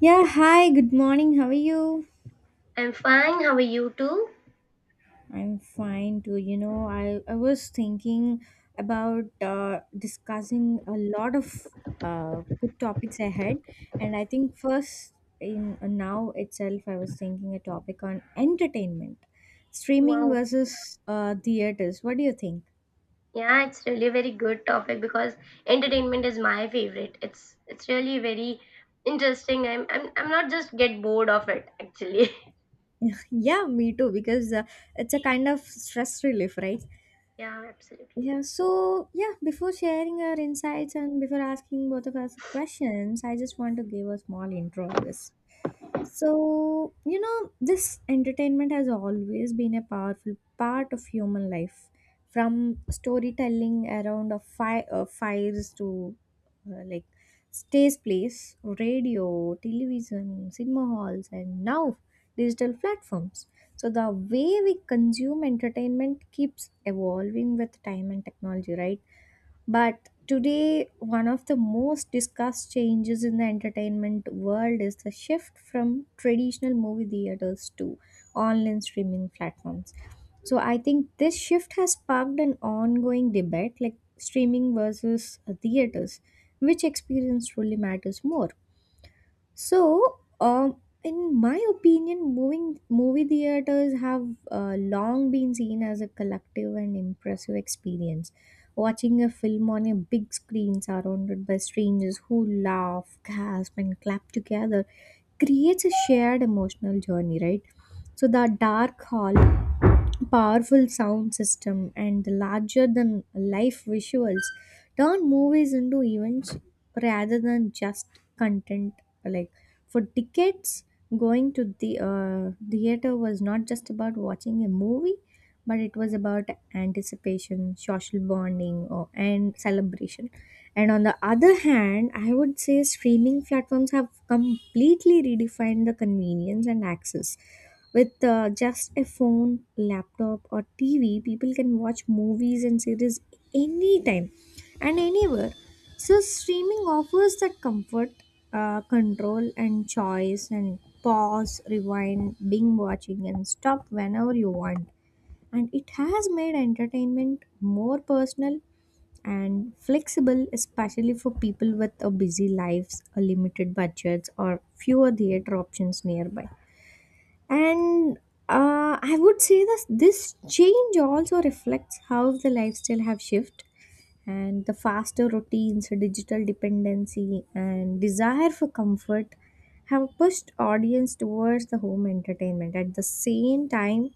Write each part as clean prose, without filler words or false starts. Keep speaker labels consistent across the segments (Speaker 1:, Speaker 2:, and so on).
Speaker 1: Yeah, hi, good morning. How are you?
Speaker 2: I'm fine. How are you too?
Speaker 1: I'm fine too. You know, I was thinking about discussing a lot of good topics ahead. And I think first, in now itself, I was thinking a topic on entertainment, streaming
Speaker 2: Wow.
Speaker 1: versus theaters. What do you think?
Speaker 2: Yeah, it's really a very good topic because entertainment is my favorite. It's really very interesting. I'm not just get bored of it actually.
Speaker 1: Yeah, me too, because it's a kind of stress relief, right?
Speaker 2: Yeah, absolutely.
Speaker 1: Yeah, so yeah, before sharing our insights and before asking both of us questions, I just want to give a small intro on this. So, you know, this entertainment has always been a powerful part of human life, from storytelling around a fires to , like, stage plays, radio, television, cinema halls, and now digital platforms. So, the way we consume entertainment keeps evolving with time and technology, right? But today, one of the most discussed changes in the entertainment world is the shift from traditional movie theaters to online streaming platforms. So I think this shift has sparked an ongoing debate like streaming versus theaters. Which experience truly matters more? So, in my opinion, moving movie theaters have long been seen as a collective and impressive experience. Watching a film on a big screen surrounded by strangers who laugh, gasp, and clap together creates a shared emotional journey, right? So the dark hall, powerful sound system, and the larger than life visuals turn movies into events rather than just content. Like, for decades, going to the theater was not just about watching a movie, but it was about anticipation, social bonding, or, and celebration. And on the other hand, I would say streaming platforms have completely redefined the convenience and access. With just a phone, laptop, or TV, people can watch movies and series anytime and anywhere. So, streaming offers that comfort, control, and choice, and pause, rewind, binge watching, and stop whenever you want. And it has made entertainment more personal and flexible, especially for people with a busy lives, a limited budgets, or fewer theater options nearby. And I would say that this change also reflects how the lifestyle have shifted, and the faster routines, digital dependency, and desire for comfort have pushed audience towards the home entertainment. At the same time,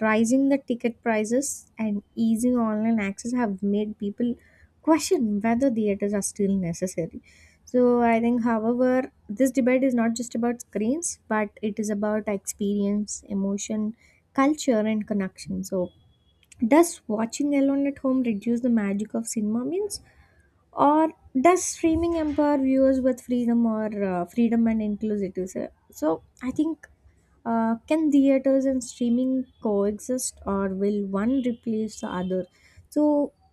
Speaker 1: rising the ticket prices and easing online access have made people question whether theaters are still necessary. So I think, however, this debate is not just about screens, but it is about experience, emotion, culture, and connection. So does watching alone at home reduce the magic of cinema means? Or does streaming empower viewers with freedom or freedom and inclusivity? So I think, can theaters and streaming coexist, or will one replace the other? So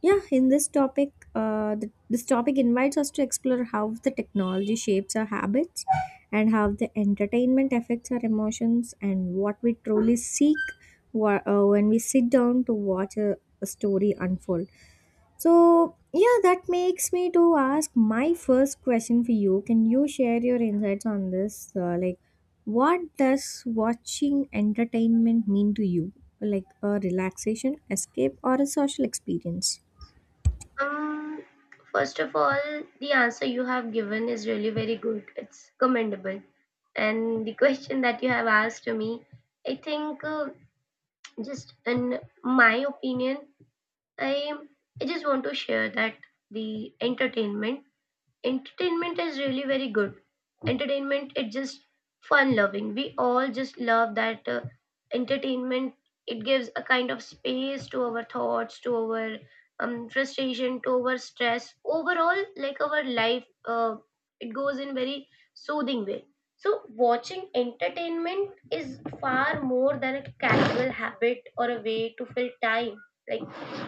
Speaker 1: yeah, in this topic, this topic invites us to explore how the technology shapes our habits, and how the entertainment affects our emotions, and what we truly seek when we sit down to watch a story unfold. So, yeah, that makes me to ask my first question for you. Can you share your insights on this? Like, what does watching entertainment mean to you? Like a relaxation, escape, or a social experience?
Speaker 2: Um, first of all, the answer you have given is really very good. It's commendable. And the question that you have asked to me, I think just in my opinion, I I just want to share that the entertainment entertainment is really very good. Entertainment, it's just fun loving, we all just love that entertainment. It gives a kind of space to our thoughts, to our frustration, to our stress, overall like our life, it goes in very soothing way. So watching entertainment is far more than a casual habit or a way to fill time. Like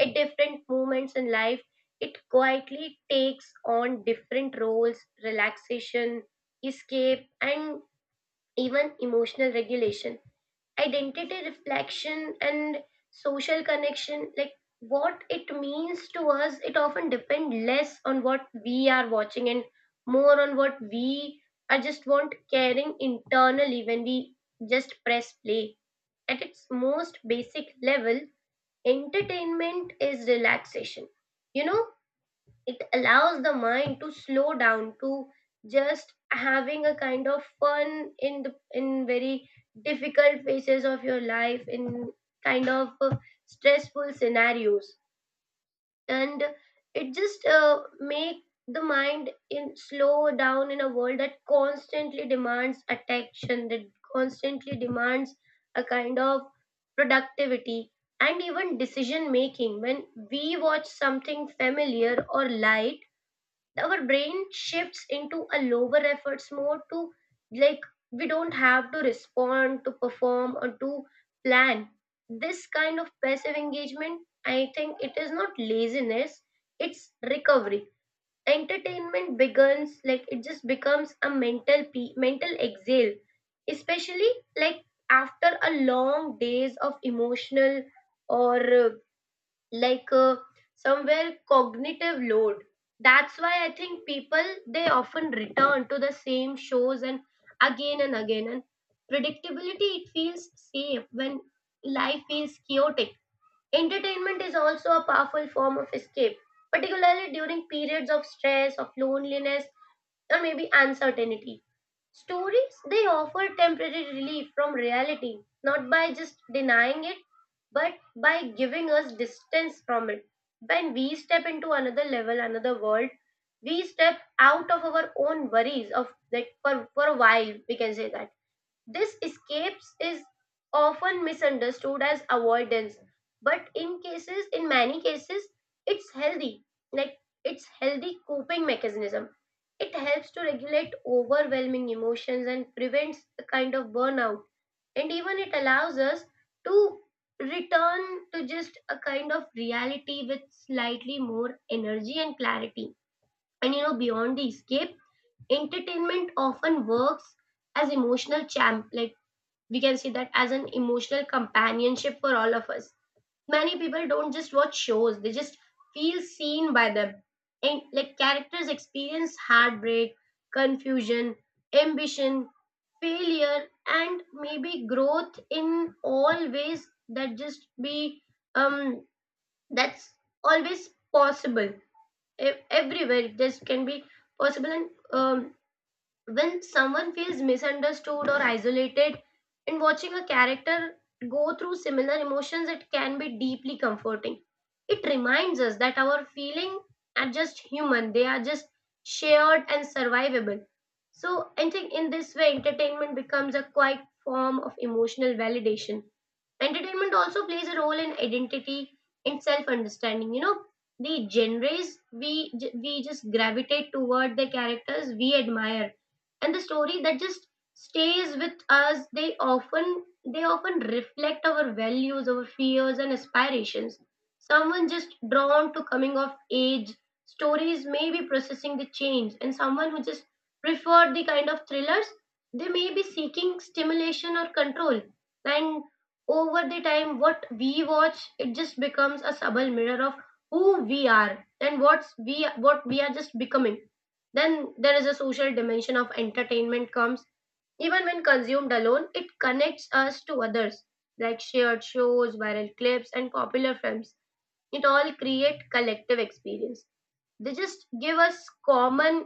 Speaker 2: at different moments in life, it quietly takes on different roles: relaxation, escape, and even emotional regulation. Identity reflection and social connection. Like what it means to us, it often depends less on what we are watching and more on what we are just want caring internally when we just press play. At its most basic level, entertainment is relaxation. You know, it allows the mind to slow down, to just having a kind of fun in the in very difficult phases of your life, in kind of stressful scenarios. And it just make the mind in slow down in a world that constantly demands attention, that constantly demands a kind of productivity and even decision making. When we watch something familiar or light, our brain shifts into a lower efforts mode. To like we don't have to respond, to perform, or to plan. This kind of passive engagement, I think it is not laziness, it's recovery. Entertainment begins like it just becomes a mental mental exhale, especially like after a long days of emotional or like uh, somewhere cognitive load. That's why I think people, they often return to the same shows and again and again, and predictability, it feels safe when life feels chaotic. Entertainment is also a powerful form of escape, particularly during periods of stress, of loneliness, or maybe uncertainty. Stories, they offer temporary relief from reality, not by just denying it, but by giving us distance from it. When we step into another level, another world, we step out of our own worries of that for a while. We can say that this escapes is often misunderstood as avoidance, but in cases, in many cases, it's healthy. Like it's healthy coping mechanism. It helps to regulate overwhelming emotions and prevents a kind of burnout. And even it allows us to return to just a kind of reality with slightly more energy and clarity. And you know, beyond the escape, entertainment often works as emotional champ. Like we can see that as an emotional companionship for all of us. Many people don't just watch shows, they just feel seen by them. And like characters experience heartbreak, confusion, ambition, failure, and maybe growth in all ways that just be um that's always possible. Everywhere this can be possible. And when someone feels misunderstood or isolated and watching a character go through similar emotions, it can be deeply comforting. It reminds us that our feelings are just human, they are just shared and survivable. So I think in this way entertainment becomes a quiet form of emotional validation. Entertainment also plays a role in identity and self understanding. You know, the genres we just gravitate toward, the characters we admire, and the story that just stays with us, they often reflect our values, our fears and aspirations. Someone just drawn to coming of age stories may be processing the change, and someone who just preferred the kind of thrillers, they may be seeking stimulation or control. And over the time, what we watch, it just becomes a subtle mirror of who we are and what's we what we are just becoming. Then there is a social dimension of entertainment comes. Even when consumed alone, it connects us to others, like shared shows, viral clips, and popular films. It all create collective experience. They just give us common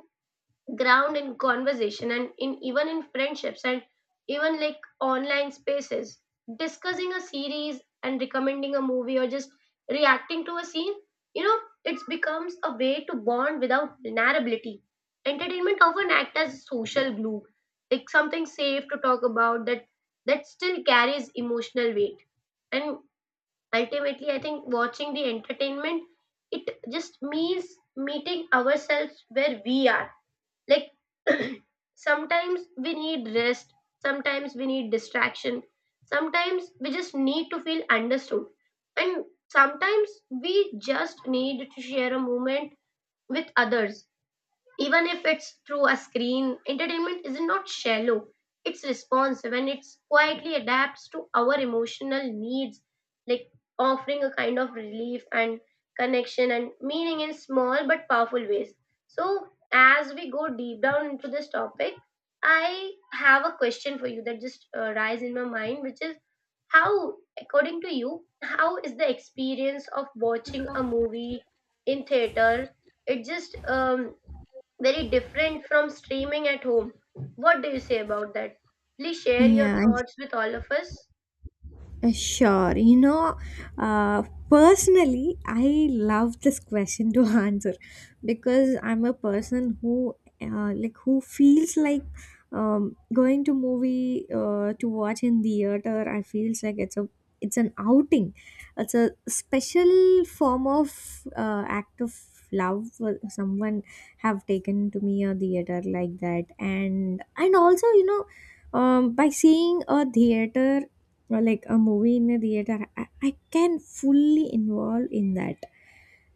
Speaker 2: ground in conversation and in even in friendships, and even like online spaces, discussing a series and recommending a movie or just reacting to a scene. You know, it becomes a way to bond without vulnerability. Entertainment often acts as social glue, like something safe to talk about that still carries emotional weight. And ultimately I think watching the entertainment, it just means meeting ourselves where we are. Like sometimes we need rest, sometimes we need distraction, sometimes we just need to feel understood, and sometimes we just need to share a moment with others. Even if it's through a screen, entertainment is not shallow, it's responsive, and it quietly adapts to our emotional needs, like offering a kind of relief and connection and meaning in small but powerful ways. So as we go deep down into this topic, I have a question for you that just rise in my mind, which is how, according to you, how is the experience of watching a movie in theater, it just very different from streaming at home. What do you say about that? Please share your
Speaker 1: Yeah.
Speaker 2: thoughts with all of us.
Speaker 1: Sure. You know, uh, personally, I love this question to answer because I'm a person who, like, who feels like going to movie to watch in theater. I feels like it's a, it's an outing. It's a special form of act of love for someone have taken to me a theater like that, and also, you know, by seeing a theater or like a movie in a theater, I can fully involve in that,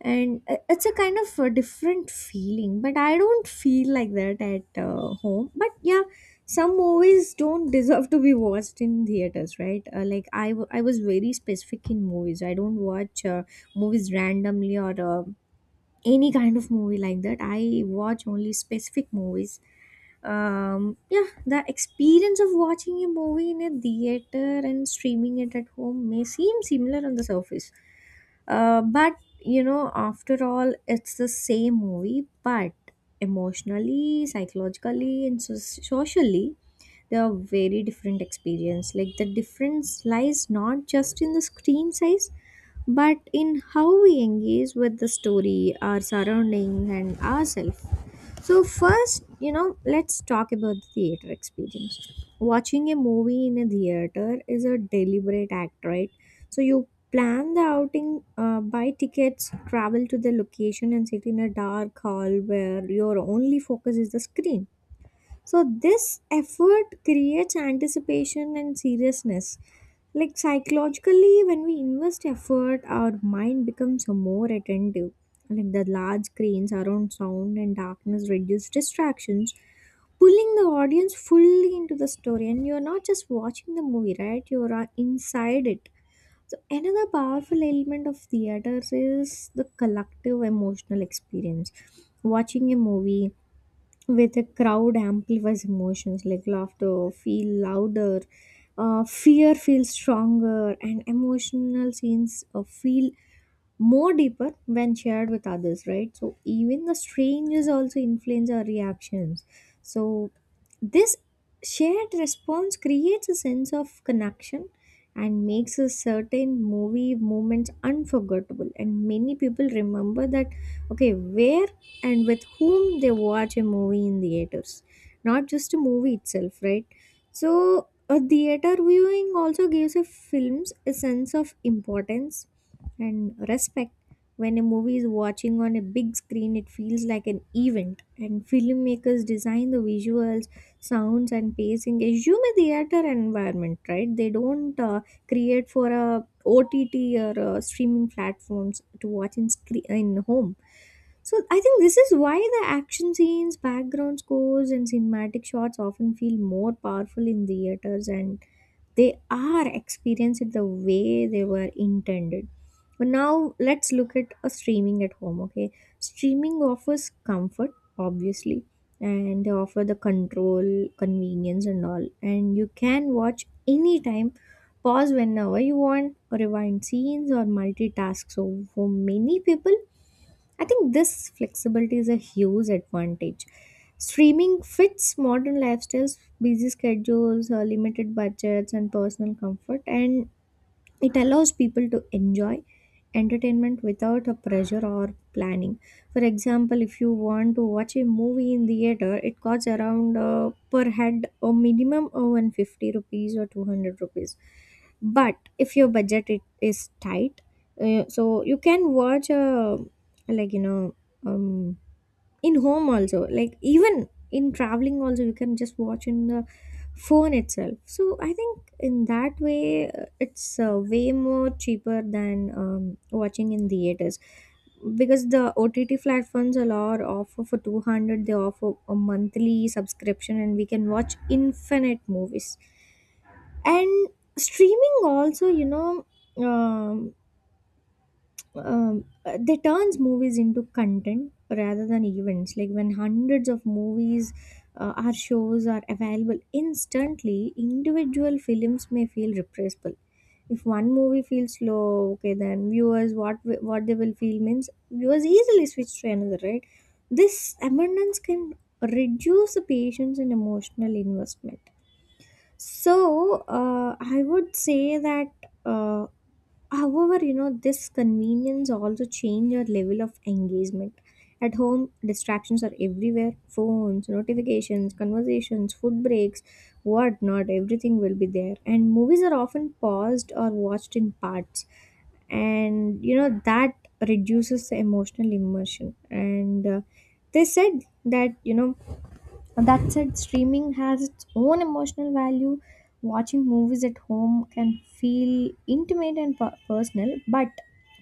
Speaker 1: and it's a kind of a different feeling, but I don't feel like that at home. But yeah, some movies don't deserve to be watched in theaters, right? Like, I was very specific in movies. I don't watch movies randomly, or any kind of movie like that. I watch only specific movies. Yeah, the experience of watching a movie in a theater and streaming it at home may seem similar on the surface. But, you know, after all, it's the same movie, but emotionally, psychologically, and socially, they are very different experience. Like, the difference lies not just in the screen size, but in how we engage with the story, our surrounding, and ourselves. So first, you know, let's talk about the theater experience. Watching a movie in a theater is a deliberate act, right? So you plan the outing, buy tickets, travel to the location, and sit in a dark hall where your only focus is the screen. So this effort creates anticipation and seriousness. Like, psychologically, when we invest effort, our mind becomes more attentive. Like the large screens, around sound, and darkness reduce distractions, pulling the audience fully into the story. And you're not just watching the movie, right? You're inside it. So another powerful element of theaters is the collective emotional experience. Watching a movie with a crowd amplifies emotions. Like laughter feel louder, fear feels stronger, and emotional scenes feel more deeper when shared with others, right? So even the strangers also influence our reactions. So this shared response creates a sense of connection and makes a certain movie moments unforgettable, and many people remember that, okay, where and with whom they watch a movie in theaters, not just a movie itself, right? So a theater viewing also gives a films a sense of importance and respect. When a movie is watching on a big screen, it feels like an event, and filmmakers design the visuals, sounds, and pacing assume a theater environment, right? They don't create for a OTT or streaming platforms to watch in screen in home. So I think this is why the action scenes, background scores, and cinematic shots often feel more powerful in theaters, and they are experienced the way they were intended. But now, let's look at a streaming at home. Okay, streaming offers comfort, obviously, and they offer the control, convenience, and all, and you can watch anytime, pause whenever you want, rewind scenes, or multitask. So for many people, I think this flexibility is a huge advantage. Streaming fits modern lifestyles, busy schedules, limited budgets, and personal comfort. And it allows people to enjoy entertainment without a pressure or planning. For example, if you want to watch a movie in theater, it costs around per head a minimum of 150 rupees or 200 rupees. But if your budget it is tight, so you can watch a like, you know, um in home also, like even in traveling also, you can just watch in the phone itself. So I think in that way, it's way more cheaper than watching in theaters, because the OTT platforms a lot offer for 200 they offer a monthly subscription, and we can watch infinite movies. And streaming also, you know, um, they turns movies into content rather than events. Like, when hundreds of movies or shows are available instantly, individual films may feel repressible. If one movie feels slow, okay, then viewers what they will feel means viewers easily switch to another, right? This abundance can reduce the patience and emotional investment. So I would say that uh, however, you know, this convenience also change our level of engagement. At home, distractions are everywhere. Phones, notifications, conversations, food breaks, whatnot, everything will be there. And movies are often paused or watched in parts. And you know, that reduces the emotional immersion. And they said that, you know, that said, streaming has its own emotional value. Watching movies at home can feel intimate and personal, but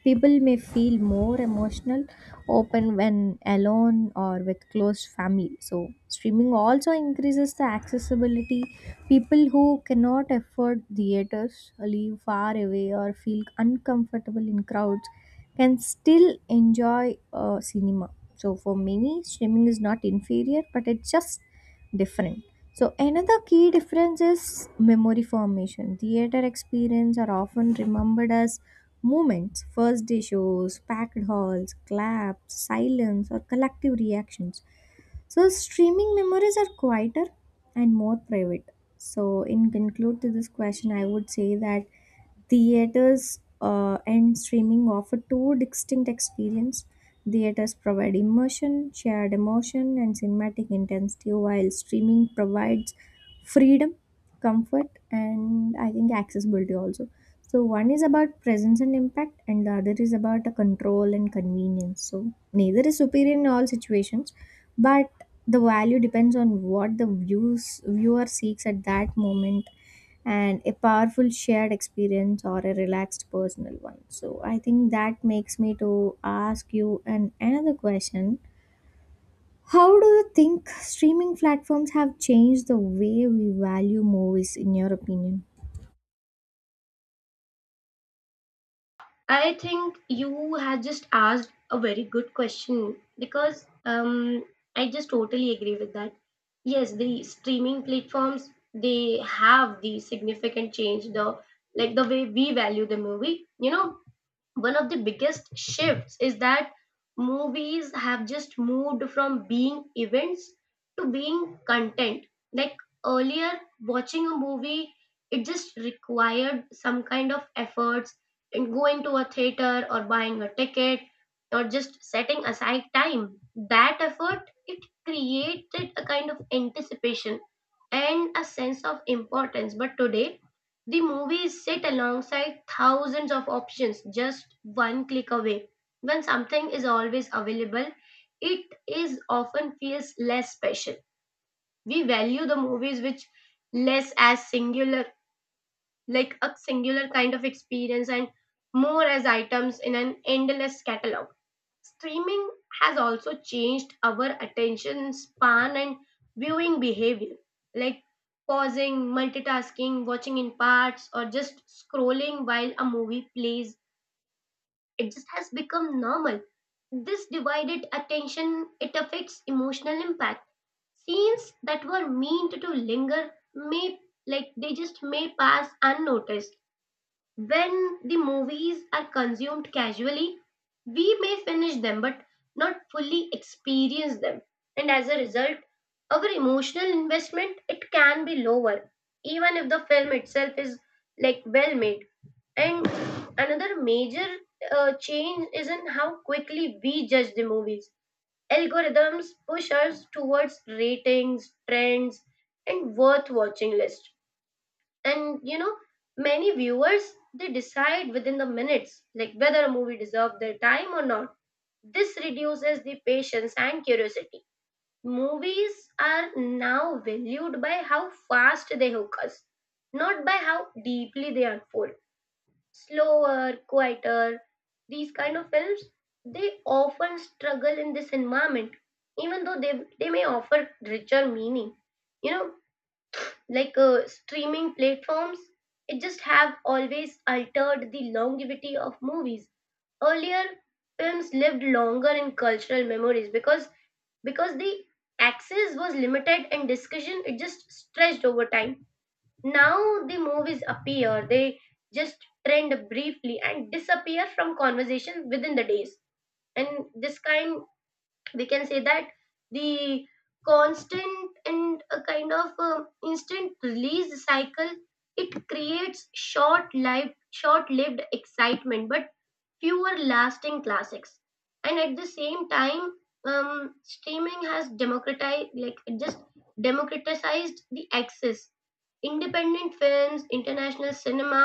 Speaker 1: people may feel more emotional open when alone or with close family. So, streaming also increases the accessibility. People who cannot afford theaters, live far away, or feel uncomfortable in crowds can still enjoy cinema. So, for many, streaming is not inferior, but it's just different. So another key difference is memory formation. Theater experience are often remembered as moments, first day shows, packed halls, claps, silence, or collective reactions. So streaming memories are quieter and more private. So in conclude to this question, I would say that theaters and streaming offer two distinct experience. Theaters provide immersion, shared emotion, and cinematic intensity, while streaming provides freedom, comfort, and I think accessibility also. So one is about presence and impact, and the other is about a control and convenience. So neither is superior in all situations, but the value depends on what the views viewer seeks at that moment, and a powerful shared experience or a relaxed personal one. So I think that makes me to ask you an another question: how do you think streaming platforms have changed the way we value movies, in your opinion?
Speaker 2: I think you have just asked a very good question because I just totally agree with that. Yes, the streaming platforms, they have the significant change the like the way we value the movie. You know, one of the biggest shifts is that movies have just moved from being events to being content. Like earlier, watching a movie, it just required some kind of efforts in going to a theater or buying a ticket or just setting aside time. That effort, it created a kind of anticipation and a sense of importance. But today, the movies sit alongside thousands of options just one click away. When something is always available, it is often feels less special. We value the movies which less as singular, like a singular kind of experience, and more as items in an endless catalog. Streaming has also changed our attention span and viewing behavior, like pausing, multitasking, watching in parts, or just scrolling while a movie plays. It just has become normal. This divided attention, it affects emotional impact. Scenes that were meant to linger may like they just may pass unnoticed. When the movies are consumed casually, we may finish them but not fully experience them. And as a result, our emotional investment, it can be lower even if the film itself is like well made. And another major change is in how quickly we judge the movies. Algorithms push us towards ratings, trends, and worth watching lists. And you know, many viewers, they decide within the minutes like whether a movie deserves their time or not. This reduces the patience and curiosity. Movies are now valued by how fast they hook us, not by how deeply they unfold. Slower, quieter, these kind of films, they often struggle in this environment, even though they may offer richer meaning. You know, like streaming platforms, it just have always altered the longevity of movies. Earlier, films lived longer in cultural memories because the access was limited and discussion it just stretched over time. Now the movies appear, they just trend briefly and disappear from conversation within the days. And this kind, we can say that the constant and a kind of instant release cycle, it creates short lived excitement but fewer lasting classics. And at the same time, streaming has democratized, like it just democratized the access. Independent films, international cinema,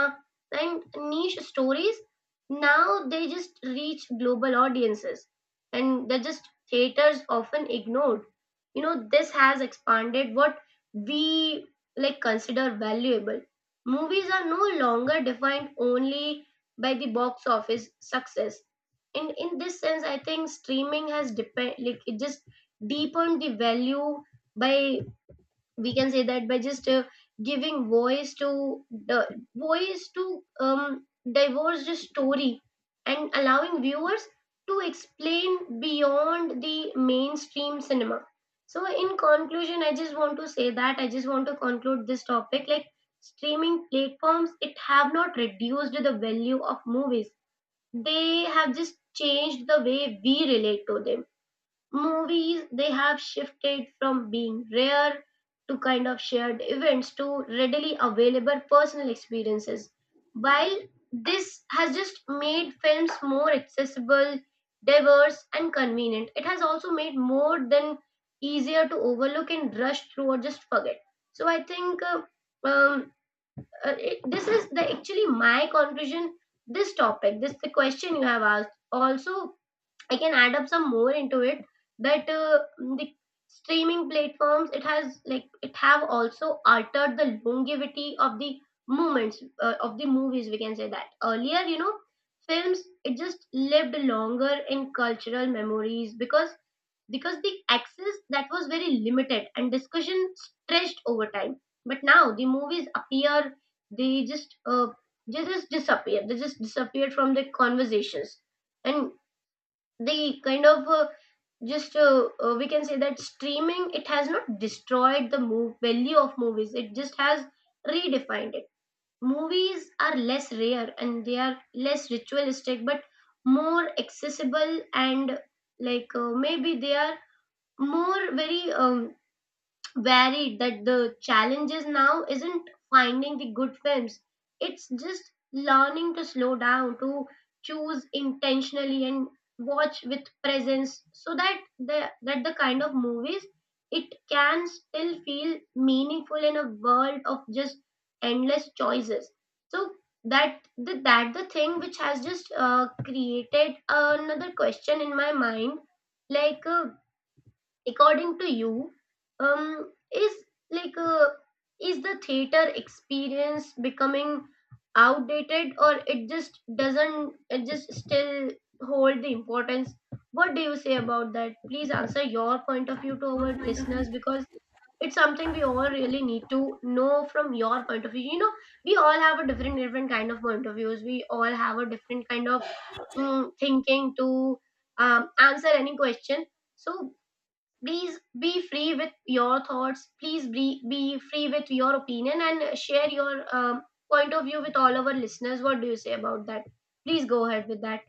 Speaker 2: and niche stories, now they just reach global audiences, and they're just theaters often ignored. You know, this has expanded what we like consider valuable. Movies are no longer defined only by the box office success. In this sense I think streaming has depend like it just deepened the value by, we can say that by just giving voice to the voice to divorce the story and allowing viewers to explain beyond the mainstream cinema. So in conclusion, I just want to say that I just want to conclude this topic like streaming platforms, it have not reduced the value of movies, they have just changed the way we relate to them. Movies, they have shifted from being rare to kind of shared events to readily available personal experiences. While this has just made films more accessible, diverse and convenient, it has also made more than easier to overlook and rush through or just forget. So I think um, it, this is the actually my conclusion. This topic, this the question you have asked also, I can add up some more into it, that the streaming platforms it has like it have also altered the longevity of the moments of the movies. We can say that earlier, you know, films it just lived longer in cultural memories, because the access that was very limited and discussion stretched over time. But now the movies appear, they just uh, they just disappeared from the conversations. And the kind of just we can say that streaming, it has not destroyed the move value of movies, it just has redefined it. Movies are less rare and they are less ritualistic, but more accessible and like maybe they are more very varied. That the challenges now isn't finding the good films, it's just learning to slow down, to choose intentionally and watch with presence, so that the kind of movies, it can still feel meaningful in a world of just endless choices. So that the thing which has just created another question in my mind, like according to you, is, like is the theater experience becoming outdated, or it just doesn't, it just still hold the importance? What do you say about that? Please answer your point of view to our listeners, because it's something we all really need to know from your point of view, you know, we all have a different different kind of point of views. We all have a different kind of thinking to answer any question. So please be free with your thoughts. Please be free with your opinion and share your point of view with all our listeners. What do you say about that? Please go ahead with that.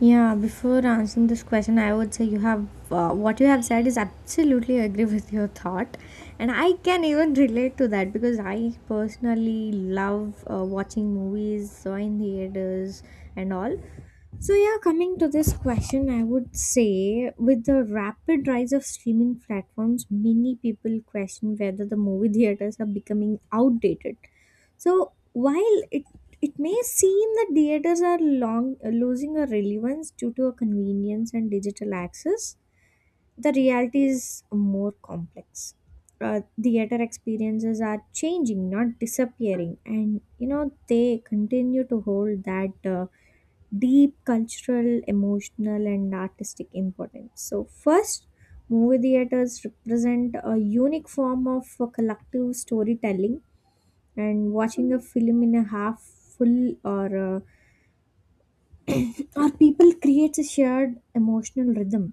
Speaker 1: Yeah, before answering this question, I would say you have what you have said is absolutely agree with your thought, and I can even relate to that because I personally love watching movies, so in theaters and all. So yeah, coming to this question, I would say with the rapid rise of streaming platforms, many people question whether the movie theaters are becoming outdated. So while it may seem that theaters are long, losing a relevance due to a convenience and digital access. The reality is more complex. Theater experiences are changing, not disappearing, and you know they continue to hold that deep cultural, emotional, and artistic importance. So, first, movie theaters represent a unique form of collective storytelling, and watching a film in a half full or our people creates a shared emotional rhythm,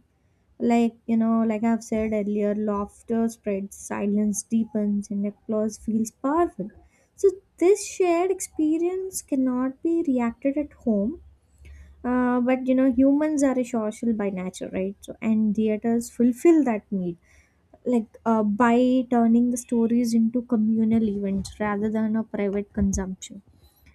Speaker 1: like you know, like I've said earlier, laughter spreads, silence deepens, and applause feels powerful. So this shared experience cannot be reacted at home. But you know, humans are a social by nature, right? So and theaters fulfill that need, by turning the stories into communal events rather than a private consumption.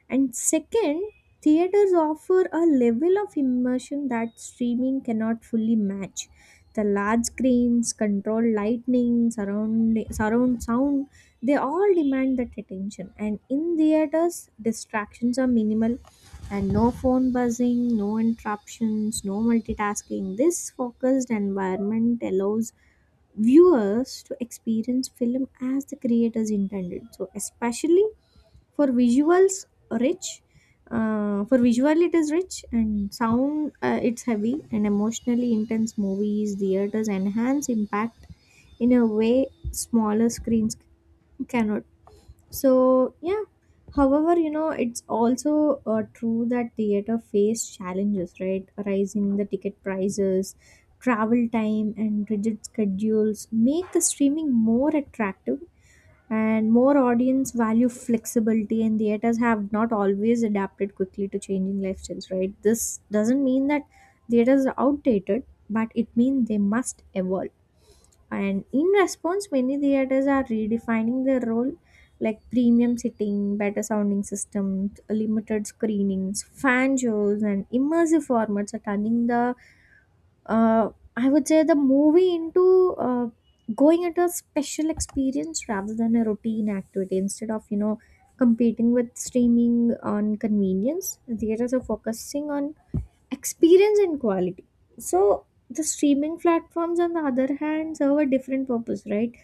Speaker 1: And second, theaters offer a level of immersion that streaming cannot fully match. The large screens, controlled lightning, surround sound, they all demand that attention. And in theaters, distractions are minimal, and no phone buzzing, no interruptions, no multitasking. This focused environment allows viewers to experience film as the creators intended. So, especially for visuals, rich. For visual, it is rich, and sound, it's heavy. And emotionally intense movies, theaters enhance impact in a way smaller screens cannot. So, yeah. However, you know, it's also true that theater face challenges, right? Rising the ticket prices, travel time, and rigid schedules make the streaming more attractive, and more audience value flexibility, and theaters have not always adapted quickly to changing lifestyles. Right, this doesn't mean that theaters are outdated, but it means they must evolve. And in response, many theaters are redefining their role, like premium sitting, better sounding systems, limited screenings, fan shows, and immersive formats are turning the uh, I would say the movie into going into a special experience rather than a routine activity, instead of you know competing with streaming on convenience. Theaters are focusing on experience and quality. So the streaming platforms on the other hand serve a different purpose, right?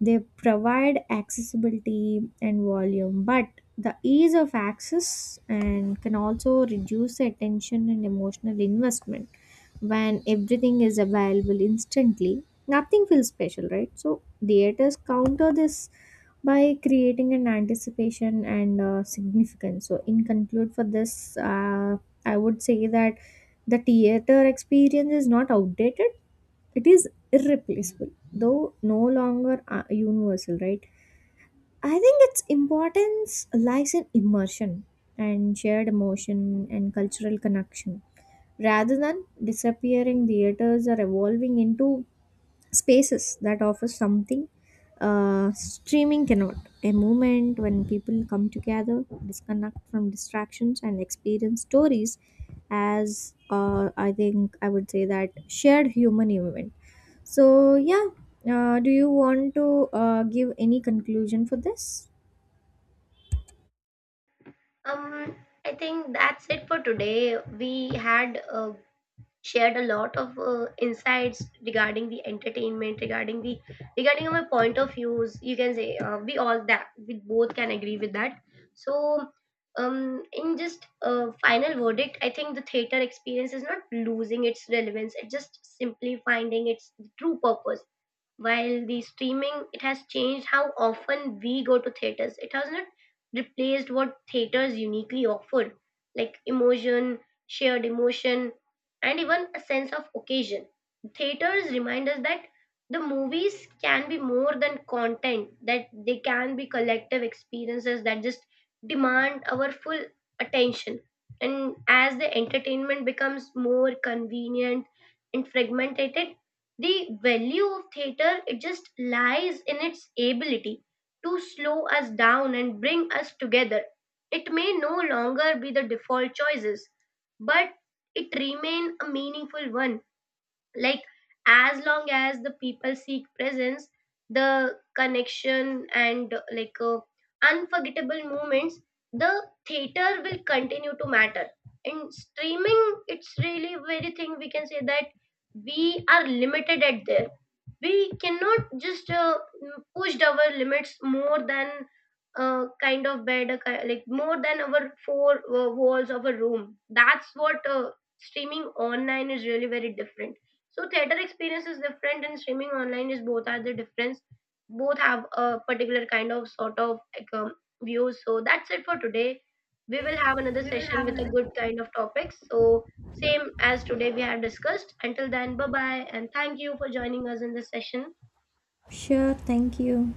Speaker 1: They provide accessibility and volume, but the ease of access and can also reduce the attention and emotional investment. When everything is available instantly, nothing feels special, right? So theaters counter this by creating an anticipation and significance. So in conclude for this, I would say that the theater experience is not outdated, it is irreplaceable, though no longer universal, right? I think its importance lies in immersion and shared emotion and cultural connection. Rather than disappearing, theaters are evolving into spaces that offer something streaming cannot. A moment when people come together, disconnect from distractions, and experience stories as I think I would say that shared human event. So, yeah, do you want to give any conclusion for this?
Speaker 2: Um, I think that's it for today. We had a shared a lot of insights regarding the entertainment, regarding our point of views, you can say we all that we both can agree with that. So in just final verdict, I think the theater experience is not losing its relevance, it's just simply finding its true purpose. While the streaming, it has changed how often we go to theaters, it has not replaced what theaters uniquely offered, like emotion, shared emotion, and even a sense of occasion. Theaters remind us that the movies can be more than content, that they can be collective experiences that just demand our full attention. And as the entertainment becomes more convenient and fragmented, the value of theater, it just lies in its ability to slow us down and bring us together. It may no longer be the default choices, but it remain a meaningful one. Like as long as the people seek presence, the connection and unforgettable moments, the theater will continue to matter. In streaming, it's really very thing, we can say that we are limited at there. We cannot just push our limits more than kind of bed more than our four walls of a room. That's what streaming online is really very different. So theater experience is different and streaming online, is both are the difference. Both have a particular kind of sort of like views. So that's it for today. We will have another session with a good kind of topics. So same as today we have discussed. Until then, bye bye, and thank you for joining us in this session.
Speaker 1: Sure, thank you.